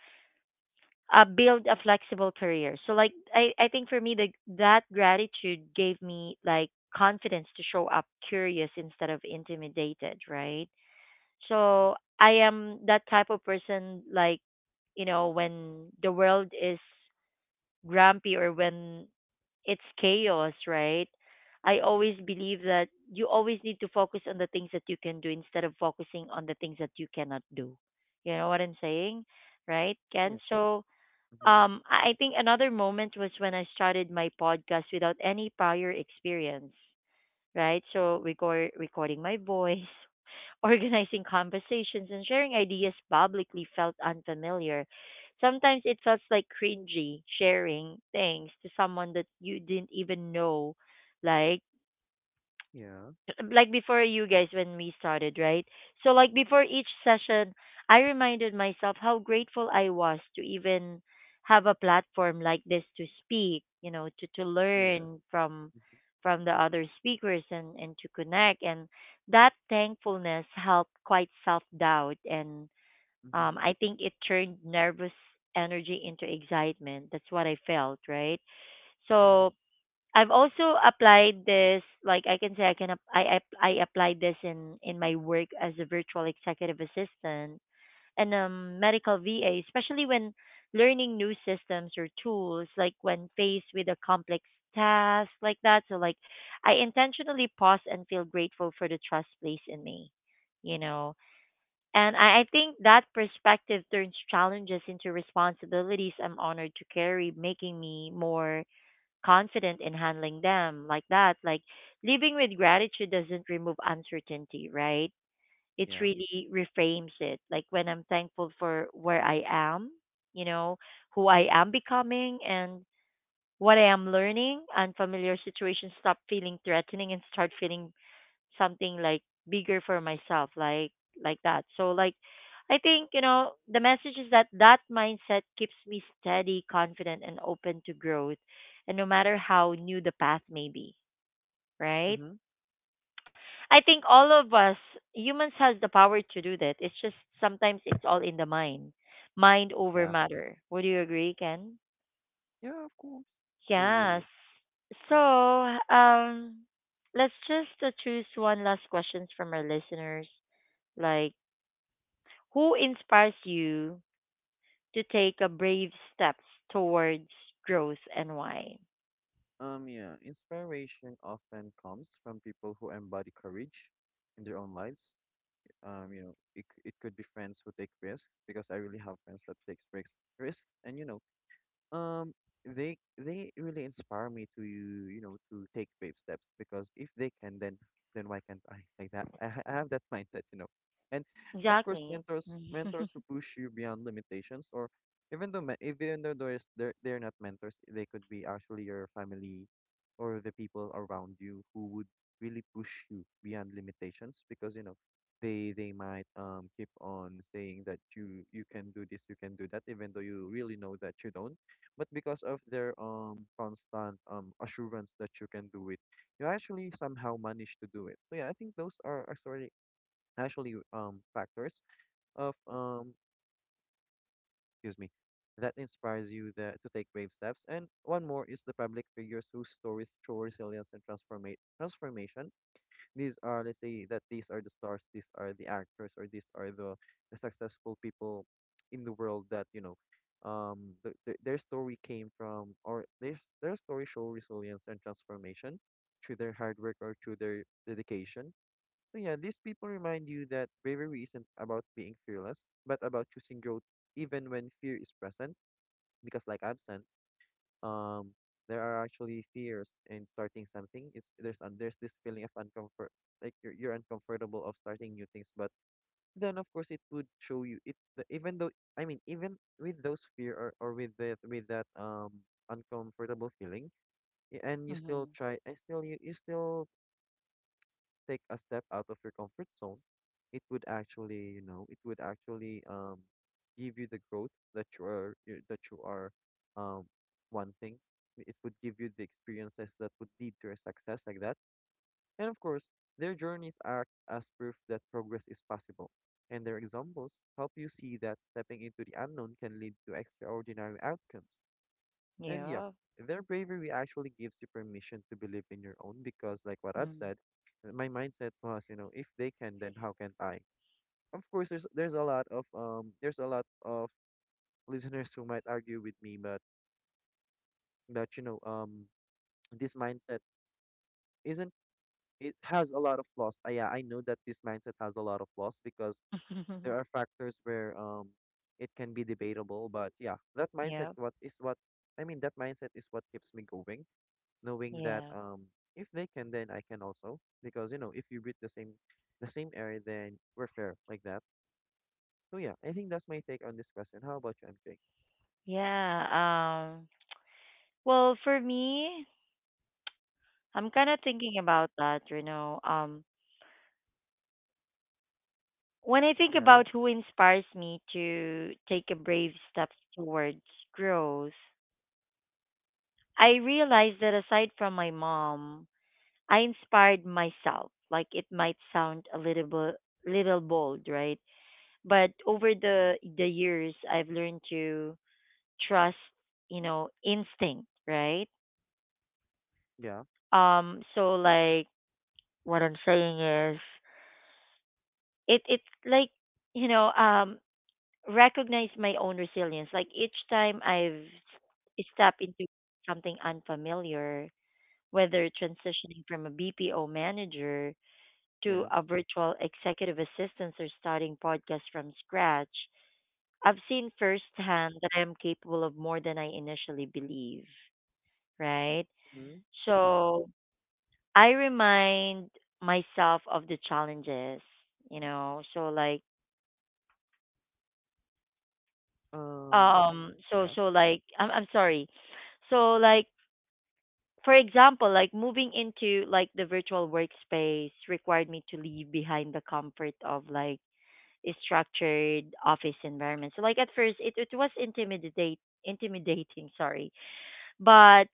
A: build a flexible career. So like I think for me the that gratitude gave me like confidence to show up curious instead of intimidated, right? So I am that type of person like you know when the world is grumpy or when it's chaos, right? I always believe that you always need to focus on the things that you can do instead of focusing on the things that you cannot do. You know what I'm saying? Right,
B: Yeah.
A: Ken? So
B: Mm-hmm.
A: I think another moment was when I started my podcast without any prior experience, right? So recording my voice, (laughs) organizing conversations, and sharing ideas publicly felt unfamiliar. Sometimes it felt like cringy sharing things to someone that you didn't even know, like
B: Yeah.
A: like before you guys when we started, right? So like before each session, I reminded myself how grateful I was to even have a platform like this to speak, you know, to
B: Yeah.
A: learn
B: Mm-hmm.
A: from the other speakers and to connect and that thankfulness helped quite self-doubt and
B: Mm-hmm.
A: I think it turned nervous energy into excitement. That's what I felt, right?
B: Yeah.
A: So I've also applied this, like I can say, I can ap- I applied this in my work as a virtual executive assistant and medical VA, especially when learning new systems or tools, like when faced with a complex task like that. So like I intentionally pause and feel grateful for the trust placed in me, you know. And I think that perspective turns challenges into responsibilities I'm honored to carry, making me more confident in handling them like that. Like living with gratitude doesn't remove uncertainty, right? It
B: Yeah.
A: really reframes it. Like when I'm thankful for where I am, you know, who I am becoming and what I am learning, unfamiliar situations stop feeling threatening and start feeling something like bigger for myself like that so like I think you know the message is that that mindset keeps me steady, confident and open to growth, and no matter how new the path may be, right?
B: Mm-hmm.
A: I think all of us humans has the power to do that. It's just sometimes it's all in the mind, mind over
B: Yeah.
A: matter. Would you agree, ken?
B: Yeah. Of course. Yeah, yeah,
A: Yes,
B: yeah.
A: so let's just choose one last questions from our listeners like who inspires you to take a brave steps towards growth and why?
B: Yeah, inspiration often comes from people who embody courage in their own lives. It could be friends who take risks because I really have friends that takes risks, risks, and Um, they really inspire me to to take babe steps because if they can, then why can't I? (laughs) Like that, I have that (laughs) mindset. And of course,
A: Exactly.
B: mentors
A: Mm-hmm.
B: mentors who
A: (laughs)
B: push you beyond limitations, or even though there's they're not mentors, they could be actually your family or the people around you who would really push you beyond limitations because they might keep on saying that you can do this, you can do that, even though you really know that you don't, but because of their constant assurance that you can do it, you actually somehow manage to do it. So yeah, I think those are actually factors of excuse me, that inspires you that to take brave steps. And one more is the public figures whose stories show resilience and transformate transformation. These are, let's say that these are the stars, these are the actors, or these are the successful people in the world that their story came from, their story show resilience and transformation through their hard work or through their dedication. So yeah, these people remind you that bravery isn't about being fearless, but about choosing growth even when fear is present. Because like I've said, um there are actually fears in starting something. It's There's this feeling of uncomfort. Like you're uncomfortable of starting new things, but then of course it would show you even though, I mean, even with those fear, or with that with that uncomfortable feeling, and you still
A: Mm-hmm.
B: try, and still you still take a step out of your comfort zone, it would actually, you know, it would actually give you the growth that that you are um wanting. It would give you the experiences that would lead to your success like that. And of course, their journeys are as proof that progress is possible. And their examples help you see that stepping into the unknown can lead to extraordinary outcomes. And yeah,
A: Yeah.
B: their bravery actually gives you permission to believe in your own because, like what I've said, my mindset was, you know, if they can, then how can't I? Of course, there's a lot of (laughs) listeners who might argue with me, but you know, this mindset isn't, it has a lot of flaws. Yeah, I know that this mindset has a lot of flaws because there
A: Mm. (laughs)
B: are factors where it can be debatable, but yeah, that mindset
A: Yep.
B: what is what I mean, that mindset is what keeps me going, knowing that
A: Yeah.
B: if they can, then I can also, because you know, if you breathe the same air, then we're fair like that. So yeah, I think that's my take on this question. How about you, MJ?
A: Yeah. Well, for me, I'm kind of thinking about that, you know. When I think
B: Yeah,
A: about who inspires me to take a brave step towards growth, I realize that aside from my mom, I inspired myself. Like it might sound a little little bold, right? But over the years, I've learned to trust, you know, instinct, right?
B: yeah,
A: So like what I'm saying is, it's like you know, recognize my own resilience. Like each time stepped into something unfamiliar, whether transitioning from a BPO manager to
B: yeah.
A: a virtual executive assistant or starting podcast from scratch, I've seen firsthand that I am capable of more than I initially believe, right?
B: Mm-hmm.
A: So I remind myself of the challenges, you know, so like
B: Um, yeah.
A: I'm sorry. So like for example, like moving into like the virtual workspace required me to leave behind the comfort of like structured office environment. So like at first it was intimidate intimidating, sorry. But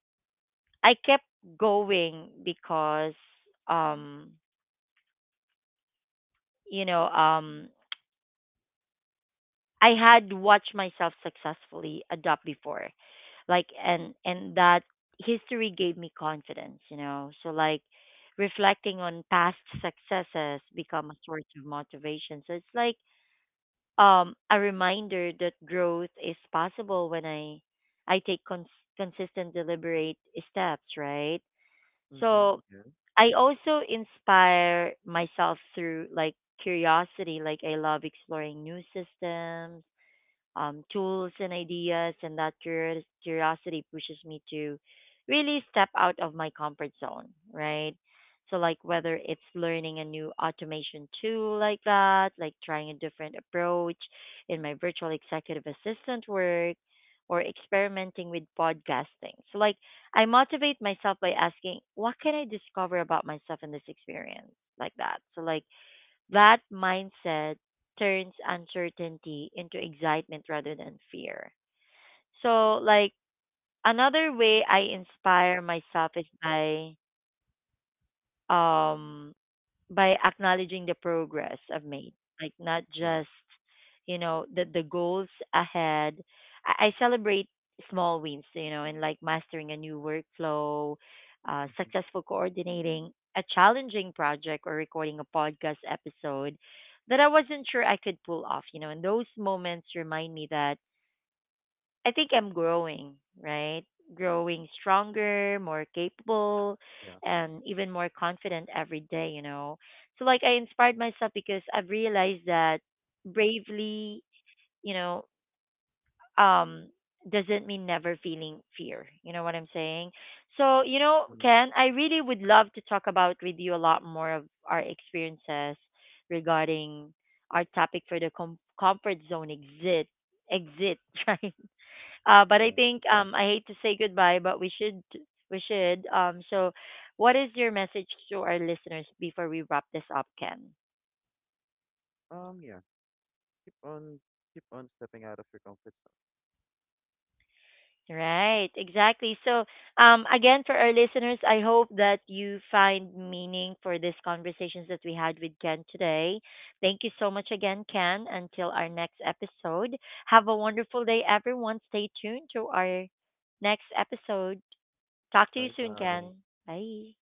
A: I kept going because um you know, um I had watched myself successfully adopt before. Like and that history gave me confidence, you know. So like reflecting on past successes become a source of motivation. So it's like a reminder that growth is possible when I take consistent, deliberate steps, right?
B: Mm-hmm.
A: So
B: Yeah,
A: I also inspire myself through like curiosity, like I love exploring new systems, tools and ideas, and that curiosity pushes me to really step out of my comfort zone, right? So, like whether it's learning a new automation tool like that, like trying a different approach in my virtual executive assistant work, or experimenting with podcasting. So, like, I motivate myself by asking, what can I discover about myself in this experience? Like that. So, like, that mindset turns uncertainty into excitement rather than fear. So like another way I inspire myself is um by acknowledging the progress I've made, like not
B: yeah.
A: just you know the goals ahead. I celebrate small wins, you know, and like mastering a new workflow,
B: Mm-hmm.
A: successful coordinating a challenging project or recording a podcast episode that I wasn't sure I could pull off, you know. And those moments remind me that I think I'm growing, right? Growing stronger, more capable,
B: Yeah.
A: and even more confident every day, you know. So, like, I inspired myself because I've realized that bravely, you know, um, doesn't mean never feeling fear. You know what I'm saying? So, you know,
B: Mm.
A: Ken, I really would love to talk about with you a lot more of our experiences regarding our topic for the comfort zone exit, (laughs) right? But I
B: Yeah.
A: think I hate to say goodbye, but we should. So, what is your message to our listeners before we wrap this up, Ken?
B: Yeah. Keep on stepping out of your comfort zone.
A: Right, exactly. So, again, for our listeners, I hope that you find meaning for these conversations that we had with Ken today. Thank you so much again, Ken. Until our next episode, have a wonderful day, everyone. Stay tuned to our next episode. Talk to you
B: Bye
A: soon,
B: bye.
A: Ken. Bye.